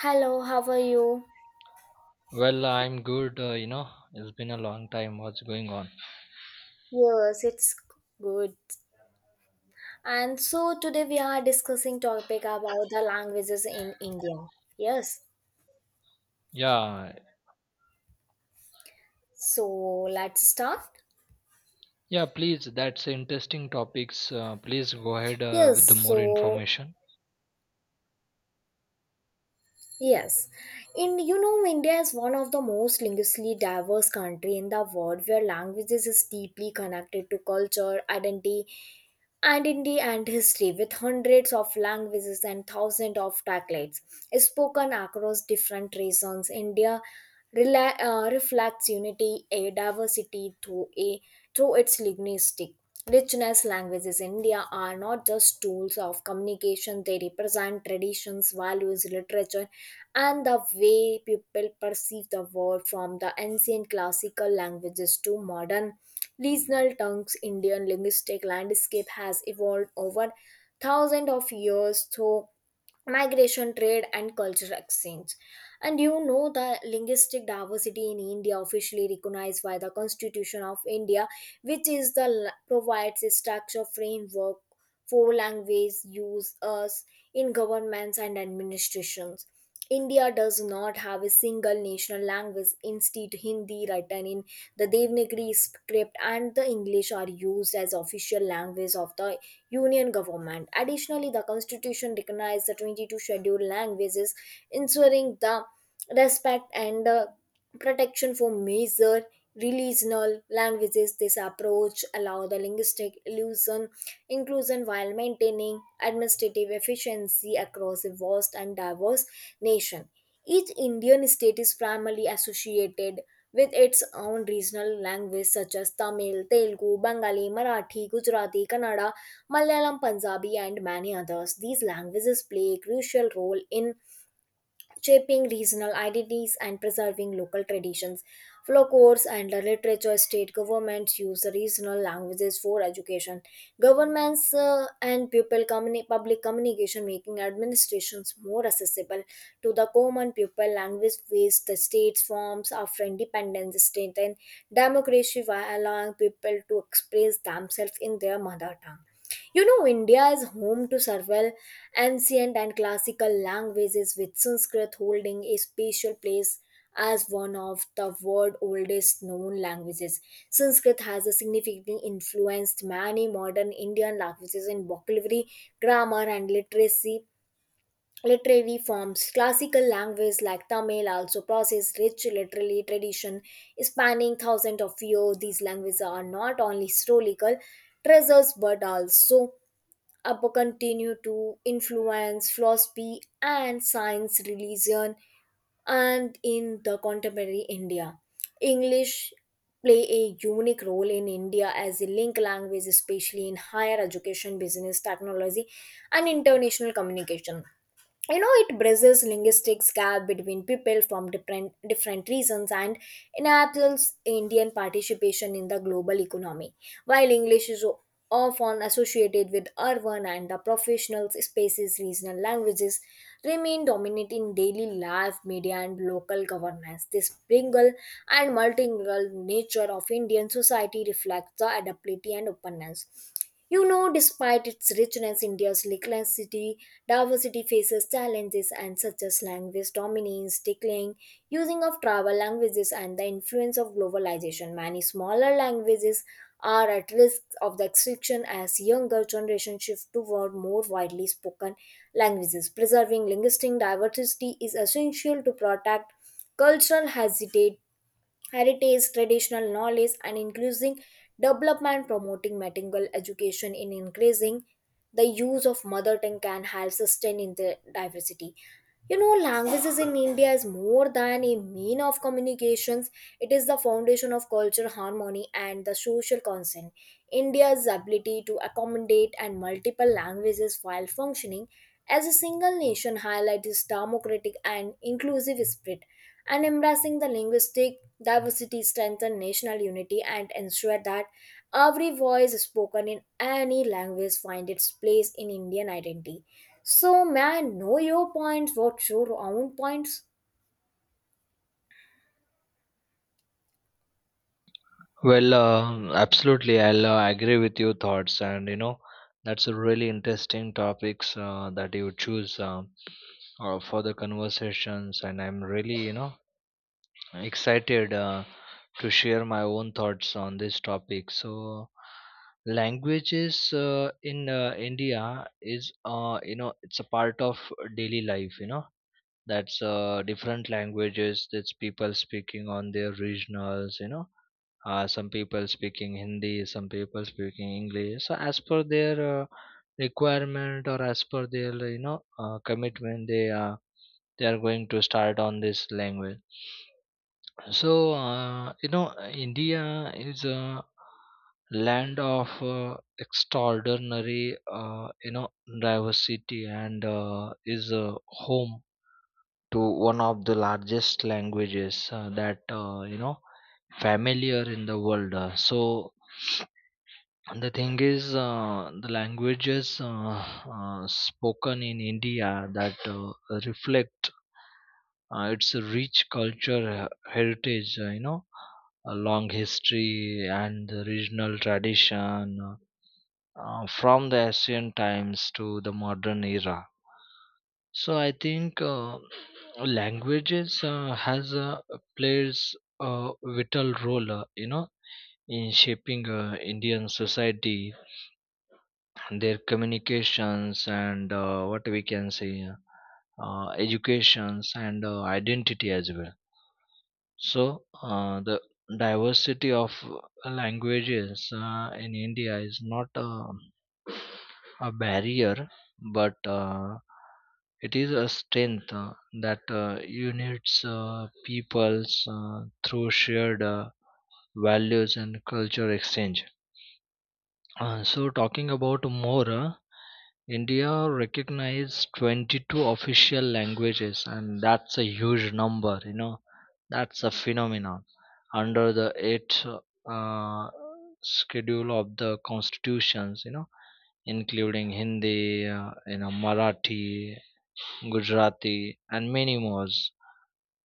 Hello, how are you? I'm good. It's been a long time. What's going on? Yes, it's good. And so today we are discussing topic about the languages in India. Yes. Yeah, So let's start. yeah. Please, that's interesting topics. Please go ahead Yes, with the more so information. Yes, India is one of the most linguistically diverse country in the world, where languages is deeply connected to culture, identity and history, with hundreds of languages and thousands of dialects spoken across different regions. India reflects unity, a diversity through its linguistic richness. Languages in India are not just tools of communication; they represent traditions, values, literature and the way people perceive the world from the ancient classical languages to modern regional tongues. Indian linguistic landscape has evolved over thousands of years. So migration, trade, and cultural exchange, and you know the linguistic diversity in India officially recognized by the constitution of India, which is the provides a structure framework for language use us in governments and administrations. India does not have a single national language. Instead, Hindi written in the Devanagari script and the English are used as official language of the union government. Additionally, the Constitution recognized the 22 scheduled languages, ensuring the respect and protection for major regional languages. This approach allows the linguistic illusion inclusion while maintaining administrative efficiency across a vast and diverse nation. Each Indian state is primarily associated with its own regional language such as Tamil, Telugu, Bengali, Marathi, Gujarati, Kannada, Malayalam, Punjabi, and many others. These languages play a crucial role in shaping regional identities and preserving local traditions. Folklores and the literature, state governments use the regional languages for education. Governments and people public communication making administrations more accessible to the common people. Language based the states forms after independence strengthen democracy by allowing people to express themselves in their mother tongue. You know, India is home to several ancient and classical languages, with Sanskrit holding a special place as one of the world's oldest known languages. Sanskrit has significantly influenced many modern Indian languages in vocabulary, grammar, and literacy Literary forms. Classical languages like Tamil also possess rich literary tradition spanning thousands of years. These languages are not only historical treasures but also up continue to influence philosophy and science, religion, and in the contemporary India. English play a unique role in India as a link language, especially in higher education, business, technology, and international communication. You know, it bridges linguistic gap between people from different reasons and enables indian participation in the global economy while English is often associated with urban and the professional spaces. Regional languages remain dominant in daily life, media, and local governments. This bilingual and multilingual nature of Indian society reflects the adaptability and openness. You know, despite its richness, India's linguistic diversity faces challenges and such as language dominance, declining using of tribal languages, and the influence of globalization. Many smaller languages are at risk of the extinction as younger generation shift toward more widely spoken languages. Preserving linguistic diversity is essential to protect cultural heritage, traditional knowledge, and increasing development, promoting bilingual education in increasing the use of mother tongue can help sustain in the diversity. You know, languages in India is more than a mean of communications. It is the foundation of culture, harmony, and the social consent. India's ability to accommodate and multiple languages while functioning as a single nation highlights its democratic and inclusive spirit and embracing the linguistic diversity strengthens national unity and ensure that every voice spoken in any language finds its place in Indian identity. So may I know your points? What's your own points? Absolutely. I'll agree with your thoughts, and that's a really interesting topics that you choose for the conversations. And I'm really, excited to share my own thoughts on this topic. So, languages in India is it's a part of daily life. You know that's different languages that's people speaking on their regionals. You know. Some people speaking Hindi, some people speaking English. So as per their requirement or as per their commitment, they are going to start on this language. So, India is a land of extraordinary, diversity and is a home to one of the largest languages that, familiar in the world. So, the thing is, the languages spoken in India that reflect its rich culture, heritage, a long history and the regional tradition from the ancient times to the modern era. So I think languages has plays a vital role, in shaping Indian society, their communications and what we can say educations and identity as well. So the diversity of languages in India is not a barrier but it is a strength that unites peoples through shared values and culture exchange. So talking about more India recognized 22 official languages, and that's a huge number, you know. That's a phenomenon. Under the eighth uh, schedule of the constitutions, you know, including Hindi, Marathi, Gujarati, and many more.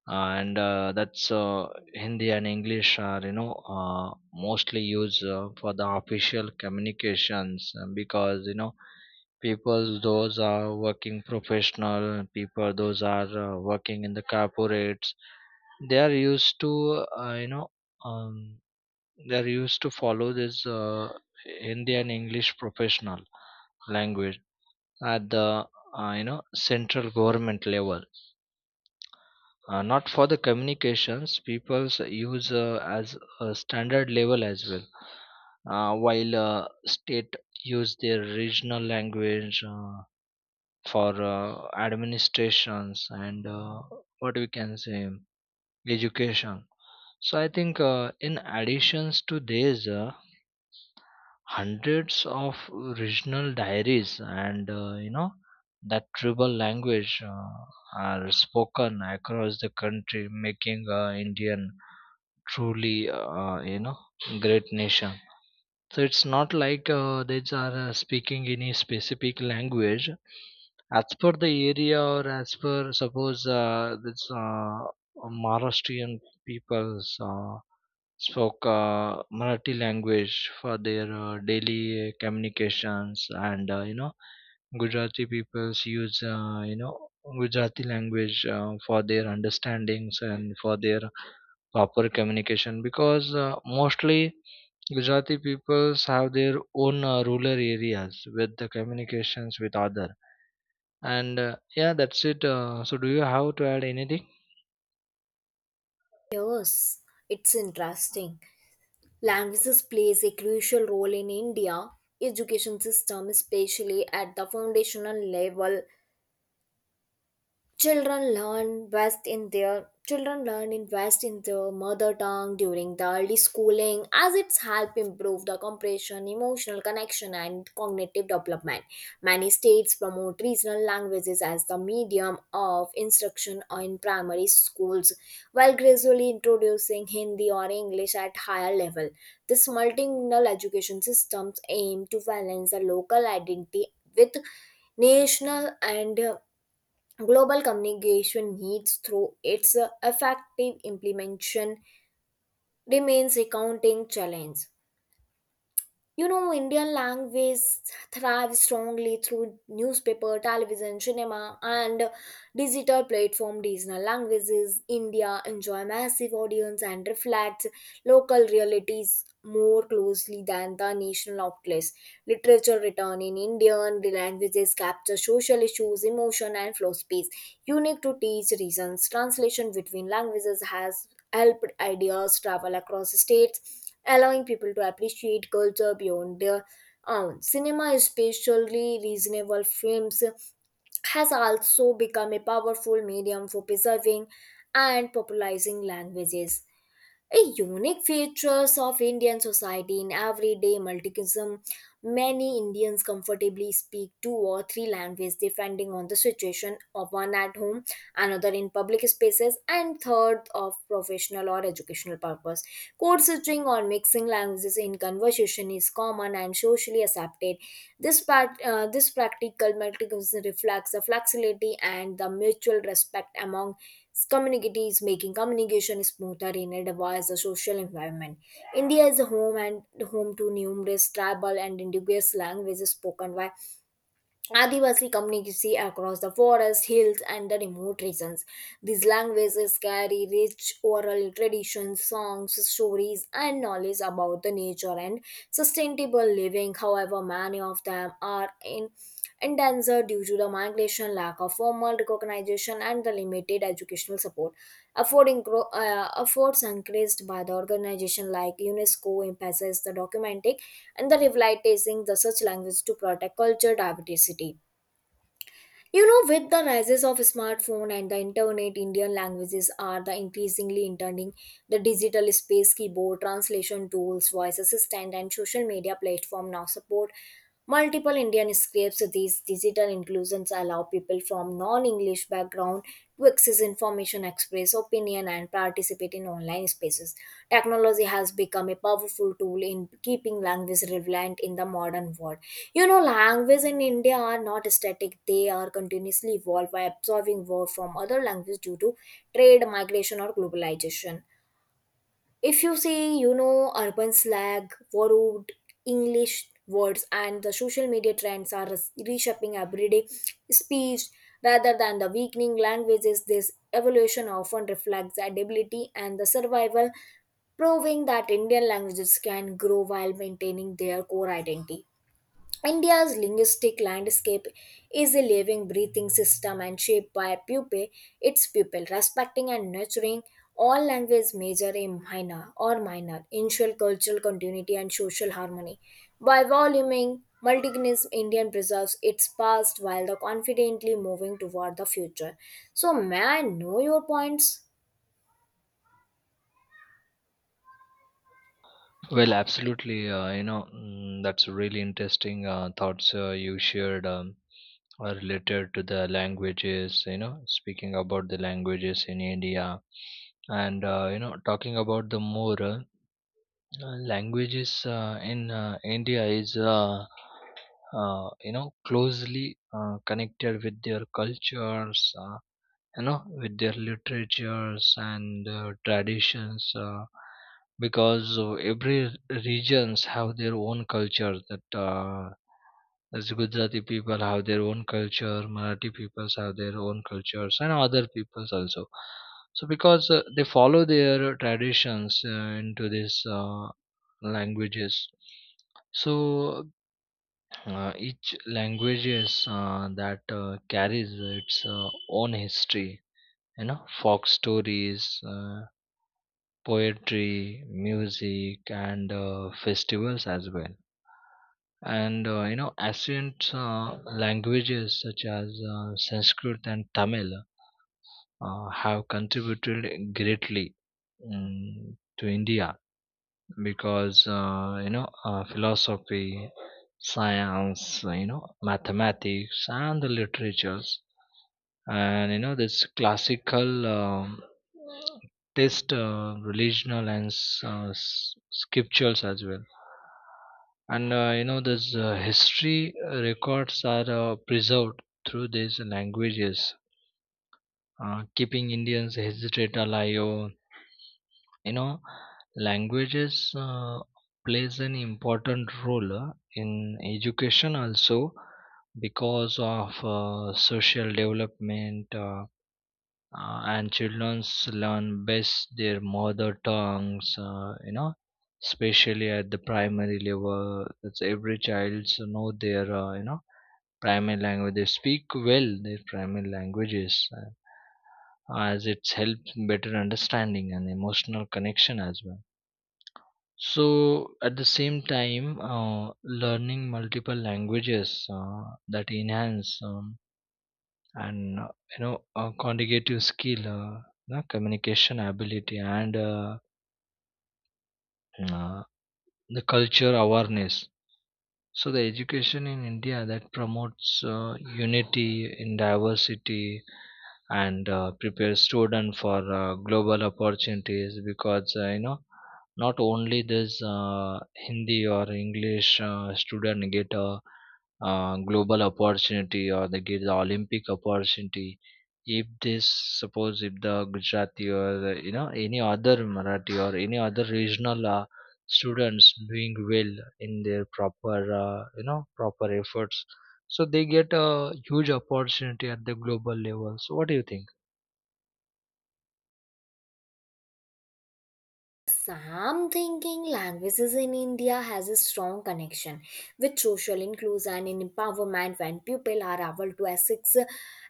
And That's Hindi and English are, mostly used for the official communications because, you know, people those are working professional, people those are working in the corporates, they are used to uh, you know um, they are used to follow this Indian English professional language at the uh, you know central government level, not for the communications people use as a standard level as well, while state use their regional language for administrations and what we can say education. So I think in additions to these hundreds of regional diaries and that tribal language are spoken across the country, making Indian truly great nation. So it's not like they are speaking any specific language. As per the area or as per suppose this Maharashtrian peoples spoke Marathi language for their daily communications, and Gujarati peoples use Gujarati language for their understandings and for their proper communication because mostly Gujarati peoples have their own rural areas with the communications with other. And yeah, that's it. So do you have to add anything? Yes, it's interesting. Languages plays a crucial role in India education system, especially at the foundational level. Children learn invest in their mother tongue during the early schooling as it's help improve the comprehension, emotional connection, and cognitive development. Many states promote regional languages as the medium of instruction in primary schools, while gradually introducing Hindi or English at higher level. This multilingual education systems aim to balance the local identity with national and Global communication needs through its effective implementation remains a counting challenge. You know, Indian language thrives strongly through newspaper, television, cinema, and digital platform. Regional languages India enjoy massive audience and reflects local realities more closely than the national outlets. Literature written in Indian languages capture social issues, emotion, and philosophies unique to each regions. Translation between languages has helped ideas travel across states, allowing people to appreciate culture beyond their own. Cinema, especially reasonable films, has also become a powerful medium for preserving and popularizing languages, a unique features of Indian society in everyday multilingualism. Many Indians comfortably speak two or three languages depending on the situation of one at home, another in public spaces, and third of professional or educational purpose. Code switching or mixing languages in conversation is common and socially accepted. This practical multilingualism reflects the flexibility and the mutual respect among community is making communication smoother in a diverse social environment. India is a home and home to numerous tribal and indigenous languages spoken by Adivasi communities across the forests, hills, and the remote regions. These languages carry rich oral traditions, songs, stories, and knowledge about the nature and sustainable living. However, many of them are in endangered due to the migration, lack of formal recognition, and the limited educational support. Affording efforts encouraged by the organization like UNESCO emphasize the documenting and the revitalizing the such language to protect culture diversity. You know, with the rises of smartphone and the internet, Indian languages are the increasingly entering the digital space. Keyboard translation tools, voice assistant, and social media platform now support multiple Indian scripts. These digital inclusions allow people from non-English background to access information, express opinion, and participate in online spaces. Technology has become a powerful tool in keeping language relevant in the modern world. You know, language in India are not static, they are continuously evolved by absorbing words from other languages due to trade, migration, or globalization. If you see, you know, urban slang, borrowed English words, and the social media trends are reshaping everyday speech rather than the weakening languages. This evolution often reflects adaptability and the survival, proving that Indian languages can grow while maintaining their core identity. India's linguistic landscape is a living, breathing system and shaped by pupil, respecting and nurturing all language, major and minor or minor, ensure cultural continuity and social harmony. By voluming multigenous Indian preserves its past while the confidently moving toward the future. So may I know your points? Well, absolutely. That's really interesting thoughts you shared are related to the languages, you know, speaking about the languages in India and, talking about the more languages in India is closely connected with their cultures you know with their literatures and traditions because every regions have their own culture, that as Gujarati people have their own culture, Marathi peoples have their own cultures, and other peoples also. So because they follow their traditions into these languages, so each languages that carries its own history, you know, folk stories, poetry, music, and festivals as well. And ancient languages such as Sanskrit and Tamil have contributed greatly, to India, because philosophy, science, you know mathematics and the literatures. And you know this classical test relational and scriptures as well. And this history records are preserved through these languages, keeping Indians hesitate alive. You know languages plays an important role in education also because of social development and childrens learn best their mother tongues, especially at the primary level, that's every child so know their primary language, they speak well their primary languages as it's helped better understanding and emotional connection as well. So at the same time learning multiple languages that enhance and you know conjugative skill, you communication ability and uh, the culture awareness. So the education in India that promotes unity in diversity and prepares student for global opportunities because not only this Hindi or English student get a global opportunity or they get the Olympic opportunity. If this, suppose if the Gujarati or the, you know, any other Marathi or any other regional students doing well in their proper proper efforts, so they get a huge opportunity at the global level. So what do you think? Sam thinking languages in India has a strong connection with social inclusion and empowerment when people are able to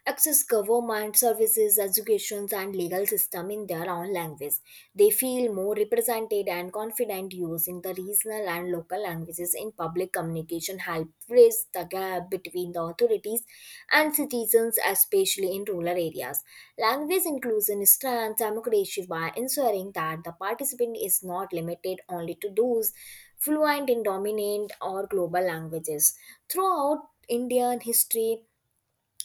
access government services, education, and legal system in their own language. They feel more represented and confident using the regional and local languages in public communication help bridge the gap between the authorities and citizens, especially in rural areas. Language inclusion strengthens democracy by ensuring that the participant is not limited only to those fluent in dominant or global languages. Throughout Indian history,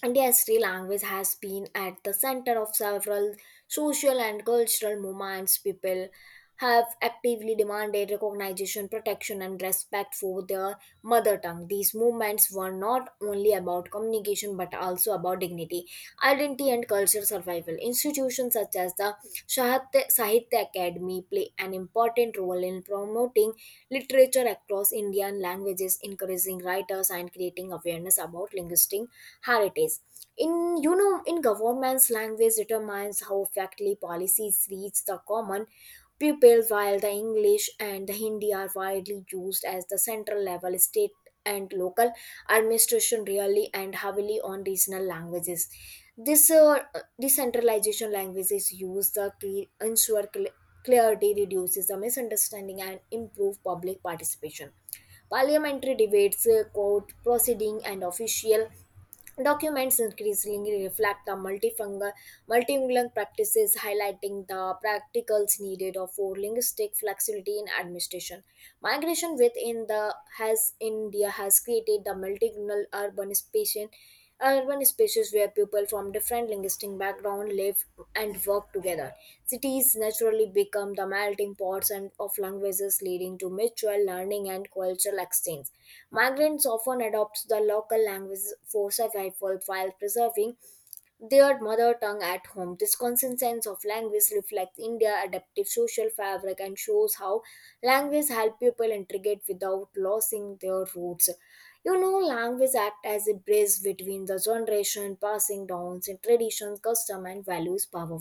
India's Sri language has been at the center of several social and cultural movements. People have actively demanded recognition, protection, and respect for their mother tongue. These movements were not only about communication but also about dignity, identity, and cultural survival. Institutions such as the Sahitya Academy play an important role in promoting literature across Indian languages, encouraging writers, and creating awareness about linguistic how it is in, you know, in government's language determines how effectively policies reach the common people while the English and the Hindi are widely used as the central level, state and local administration really and heavily on regional languages. This Decentralization languages use the ensure clarity reduces the misunderstanding and improve public participation. Parliamentary debates, court proceeding, and official documents increasingly reflect the multifungal, multilingual practices, highlighting the practicals needed of for linguistic flexibility in administration. Migration within the has India has created the multilingual urban space urban spaces where people from different linguistic backgrounds live and work together. Cities naturally become the melting pots and of languages, leading to mutual learning and cultural exchange. Migrants often adopt the local language for survival while preserving their mother tongue at home. This constant sense of language reflects India's adaptive social fabric and shows how language help people integrate without losing their roots. You know, language act as a bridge between the generation, passing down traditions, custom, and values, power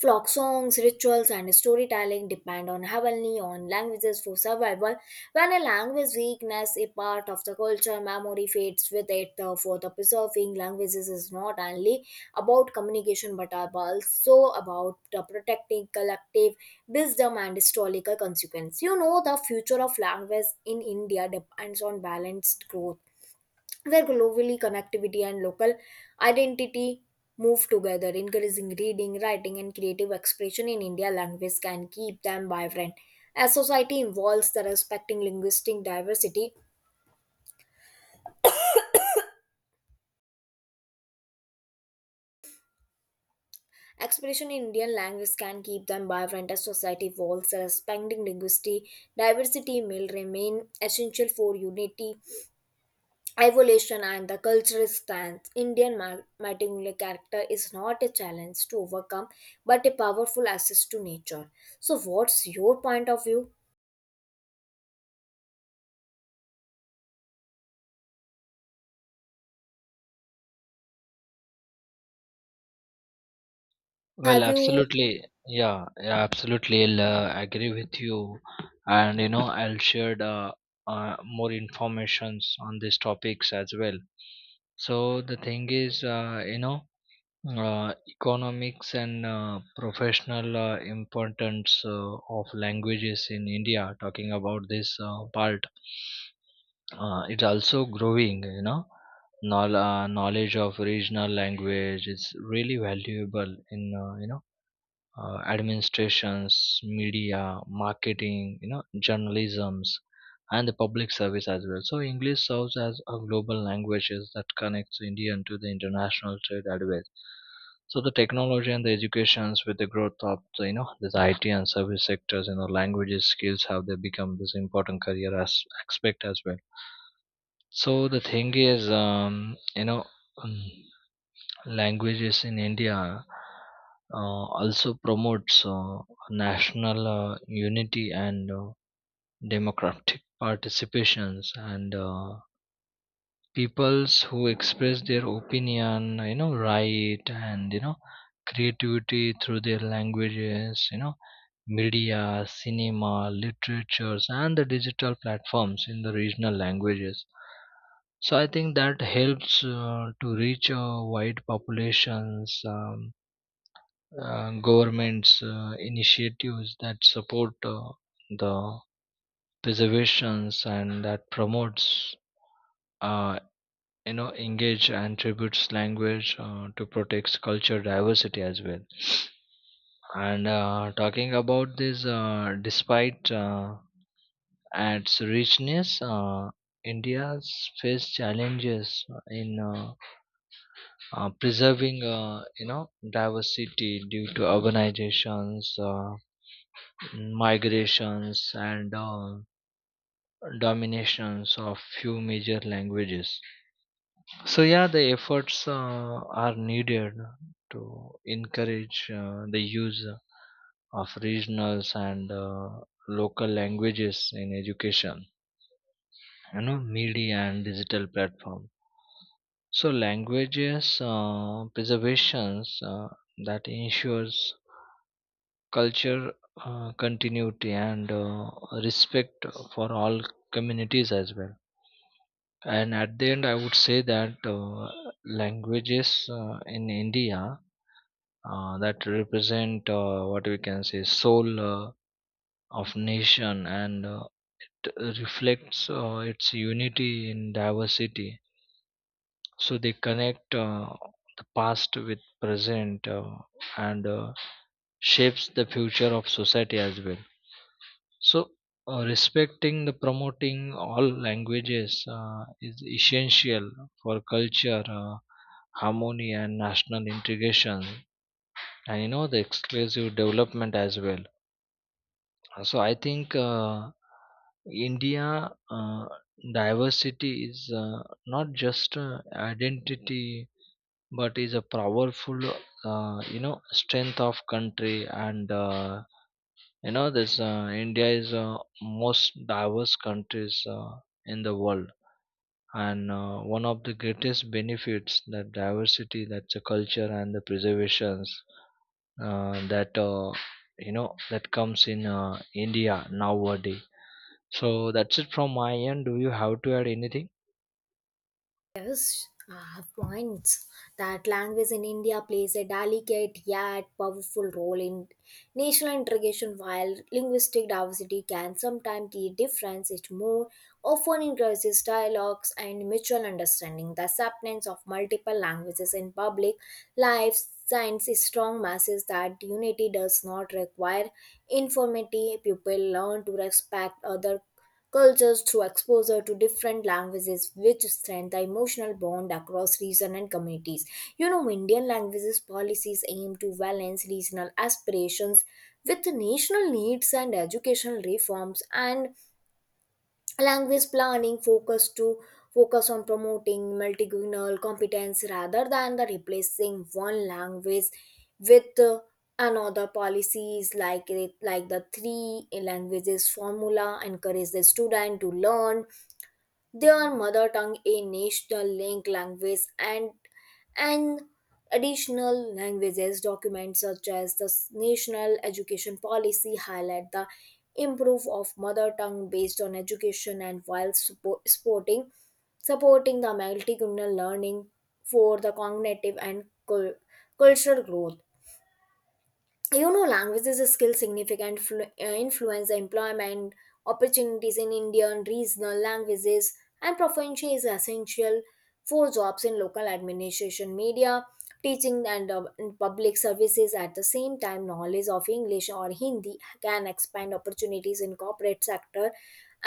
folk songs, rituals, and storytelling depend on heavily on languages for survival. When a language weakness a part of the culture, memory fades with it. Therefore, the preserving languages is not only about communication but are also about the protecting collective wisdom and historical consequence. You know, the future of language in India depends on balanced growth where globally connectivity and local identity move together, encouraging reading, writing, and creative expression in India language can keep them vibrant. As society evolves, the respecting linguistic diversity, expression in Indian language can keep them vibrant. As society evolves, the respecting linguistic diversity will remain essential for unity evolution and the cultural stance, Indian martingale character is not a challenge to overcome but a powerful access to nature. So, what's your point of view? Well, Have you absolutely. Yeah, yeah, absolutely, I'll agree with you. And you know I'll share more informations on these topics as well. So the thing is economics and professional importance of languages in India. Talking about this part, it's also growing. You know, knowledge of regional language is really valuable in administrations, media, marketing, you know, journalisms, and the public service as well. So English serves as a global language that connects Indian to the international trade as well. So the technology and the educations with the growth of the, you know, this IT and service sectors, you know, languages skills have they become this important career as aspect as well. So the thing is, um, languages in India also promotes national unity and democratic participations and peoples who express their opinion, you know, right and you know creativity through their languages, you know, media, cinema, literatures and the digital platforms in the regional languages. So I think that helps to reach wide populations. Government's initiatives that support the preservations and that promotes uh, engage and tributes language to protect culture diversity as well. And talking about this despite its richness, India's faced challenges in preserving diversity due to urbanizations, migrations and dominations of few major languages. So yeah, the efforts are needed to encourage the use of regionals and local languages in education, you know, media and digital platform. So languages preservations that ensures culture continuity and respect for all communities as well. And at the end I would say that languages in India that represent what we can say soul of nation and t- reflects its unity in diversity. So they connect the past with present, and shapes the future of society as well. So, respecting the promoting all languages is essential for culture, harmony, and national integration, and you know the exclusive development as well. So, I think India diversity is not just identity, but is a powerful, strength of country. And you know this India is most diverse countries in the world, and one of the greatest benefits that diversity that's the culture and the preservations that that comes in India nowadays. So that's it from my end, do you have to add anything? yes, I have points that language in India plays a delicate yet powerful role in national integration, while linguistic diversity can sometimes create difference. It more often encourages dialogues and mutual understanding. The acceptance of multiple languages in public life science strong masses that unity does not require informity. People learn to respect other cultures through exposure to different languages which strengthen the emotional bond across region and communities. You know, Indian languages policies aim to balance regional aspirations with national needs and educational reforms, and language planning focus on promoting multilingual competence rather than the replacing one language with another. Policies like it, like the three languages formula encourage the student to learn their mother tongue, a national link language, and additional languages. Documents such as the national education policy highlight the improve of mother tongue based on education, and while supporting the multicultural learning for the cognitive and cultural growth. You know, languages is a skill significant influence the employment opportunities in Indian regional languages, and proficiency is essential for jobs in local administration, media, teaching, and public services. At the same time, knowledge of English or Hindi can expand opportunities in corporate sector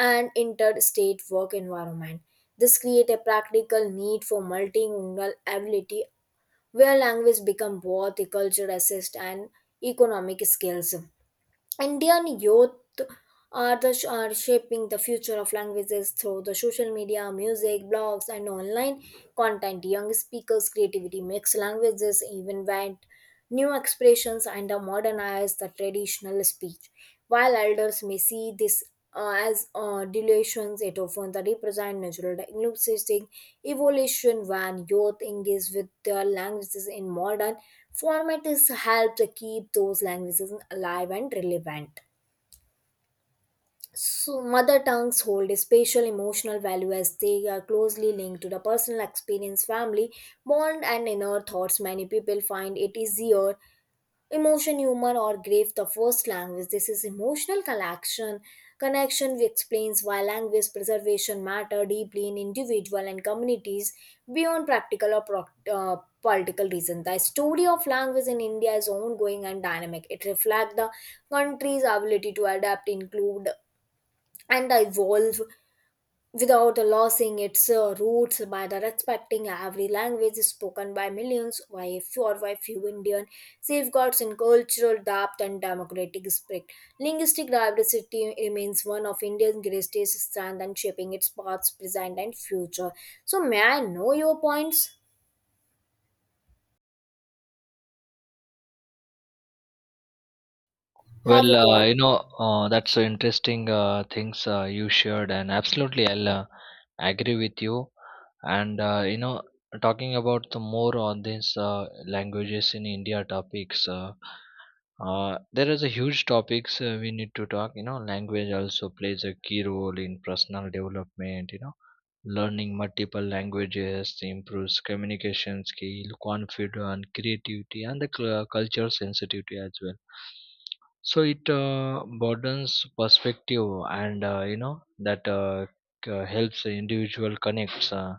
and interstate work environment. This create a practical need for multilingual ability where language become both a culture assist and economic skills. Indian youth are shaping the future of languages through the social media, music, blogs, and online content. Young speakers' creativity makes languages even wide new expressions and modernize the traditional speech. While elders may see this as dilutions, it often the represent natural linguistic evolution. When youth engage with their languages in modern format is help to keep those languages alive and relevant. So, mother tongues hold a special emotional value as they are closely linked to the personal experience, family bond, and inner thoughts. Many people find it easier emotion, humor, or grave the first language. This is emotional connection explains why language preservation matter deeply in individual and communities beyond practical or political reason. The story of language in India is ongoing and dynamic. It reflects the country's ability to adapt, include, and evolve without losing its roots. By the respecting every language spoken by millions, by a few or by few Indian safeguards in cultural depth and democratic spirit. Linguistic diversity remains one of India's greatest strengths and shaping its past, present and future. So may I know your points? Have Well, you got that's so interesting things you shared, and absolutely, I'll agree with you. And talking about the more on this languages in India topics, there is a huge topics we need to talk. You know, language also plays a key role in personal development. You know, learning multiple languages improves communication skill, confidence, creativity, and the culture sensitivity as well. So it broadens perspective and that helps the individual connects uh,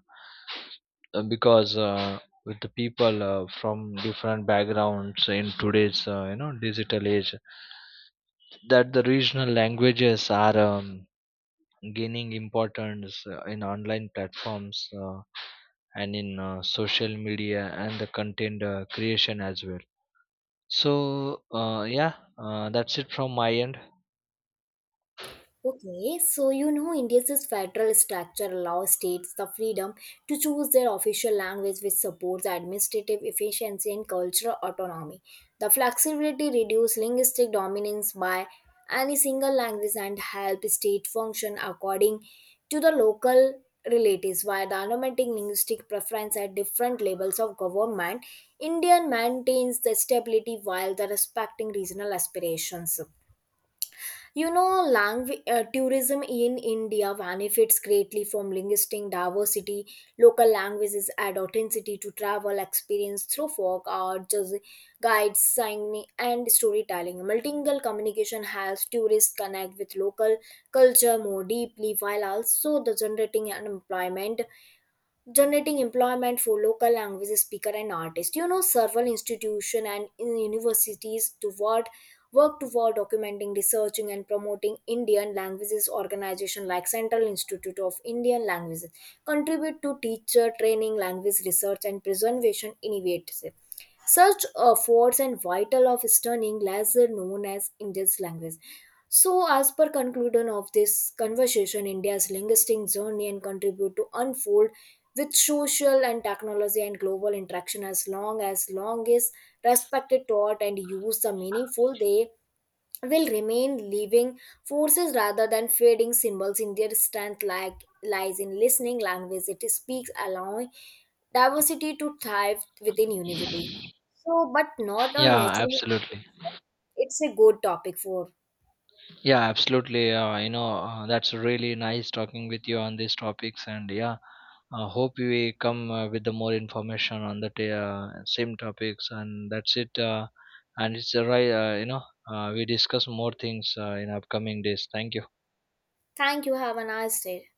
uh, because with the people from different backgrounds in today's digital age, that the regional languages are gaining importance in online platforms and in social media and the content creation as well. So yeah, that's it from my end. okay, so you know India's federal structure allows states the freedom to choose their official language, which supports administrative efficiency and cultural autonomy. The flexibility reduces linguistic dominance by any single language and help state function according to the local relatives, while documenting linguistic preference at different levels of government. India maintains the stability while the respecting regional aspirations. You know, language, tourism in India benefits greatly from linguistic diversity. Local languages add authenticity to travel experience through folk art, just guides, signing, and storytelling. Multilingual communication helps tourists connect with local culture more deeply while also the generating employment for local language speaker and artists. You know, several institutions and universities toward work toward documenting, researching and promoting Indian languages. Organization like Central Institute of Indian Languages contribute to teacher training, language research and preservation initiatives. Such efforts and vital of studying lesser known as Indian language. So, as per conclusion of this conversation, India's linguistic journey and contribute to unfold with social and technology and global interaction. As long as long is respected, taught, and used are meaningful, they will remain living forces rather than fading symbols. In their strength like lies in listening language it speaks, allowing diversity to thrive within unity. So, but not on Yeah, natural. absolutely. It's a good topic for Yeah, absolutely. That's really nice talking with you on these topics. And yeah, hope we come with the more information on the same topics. And that's it. And it's a right, we discuss more things in upcoming days. Thank you. thank you. Have a nice day.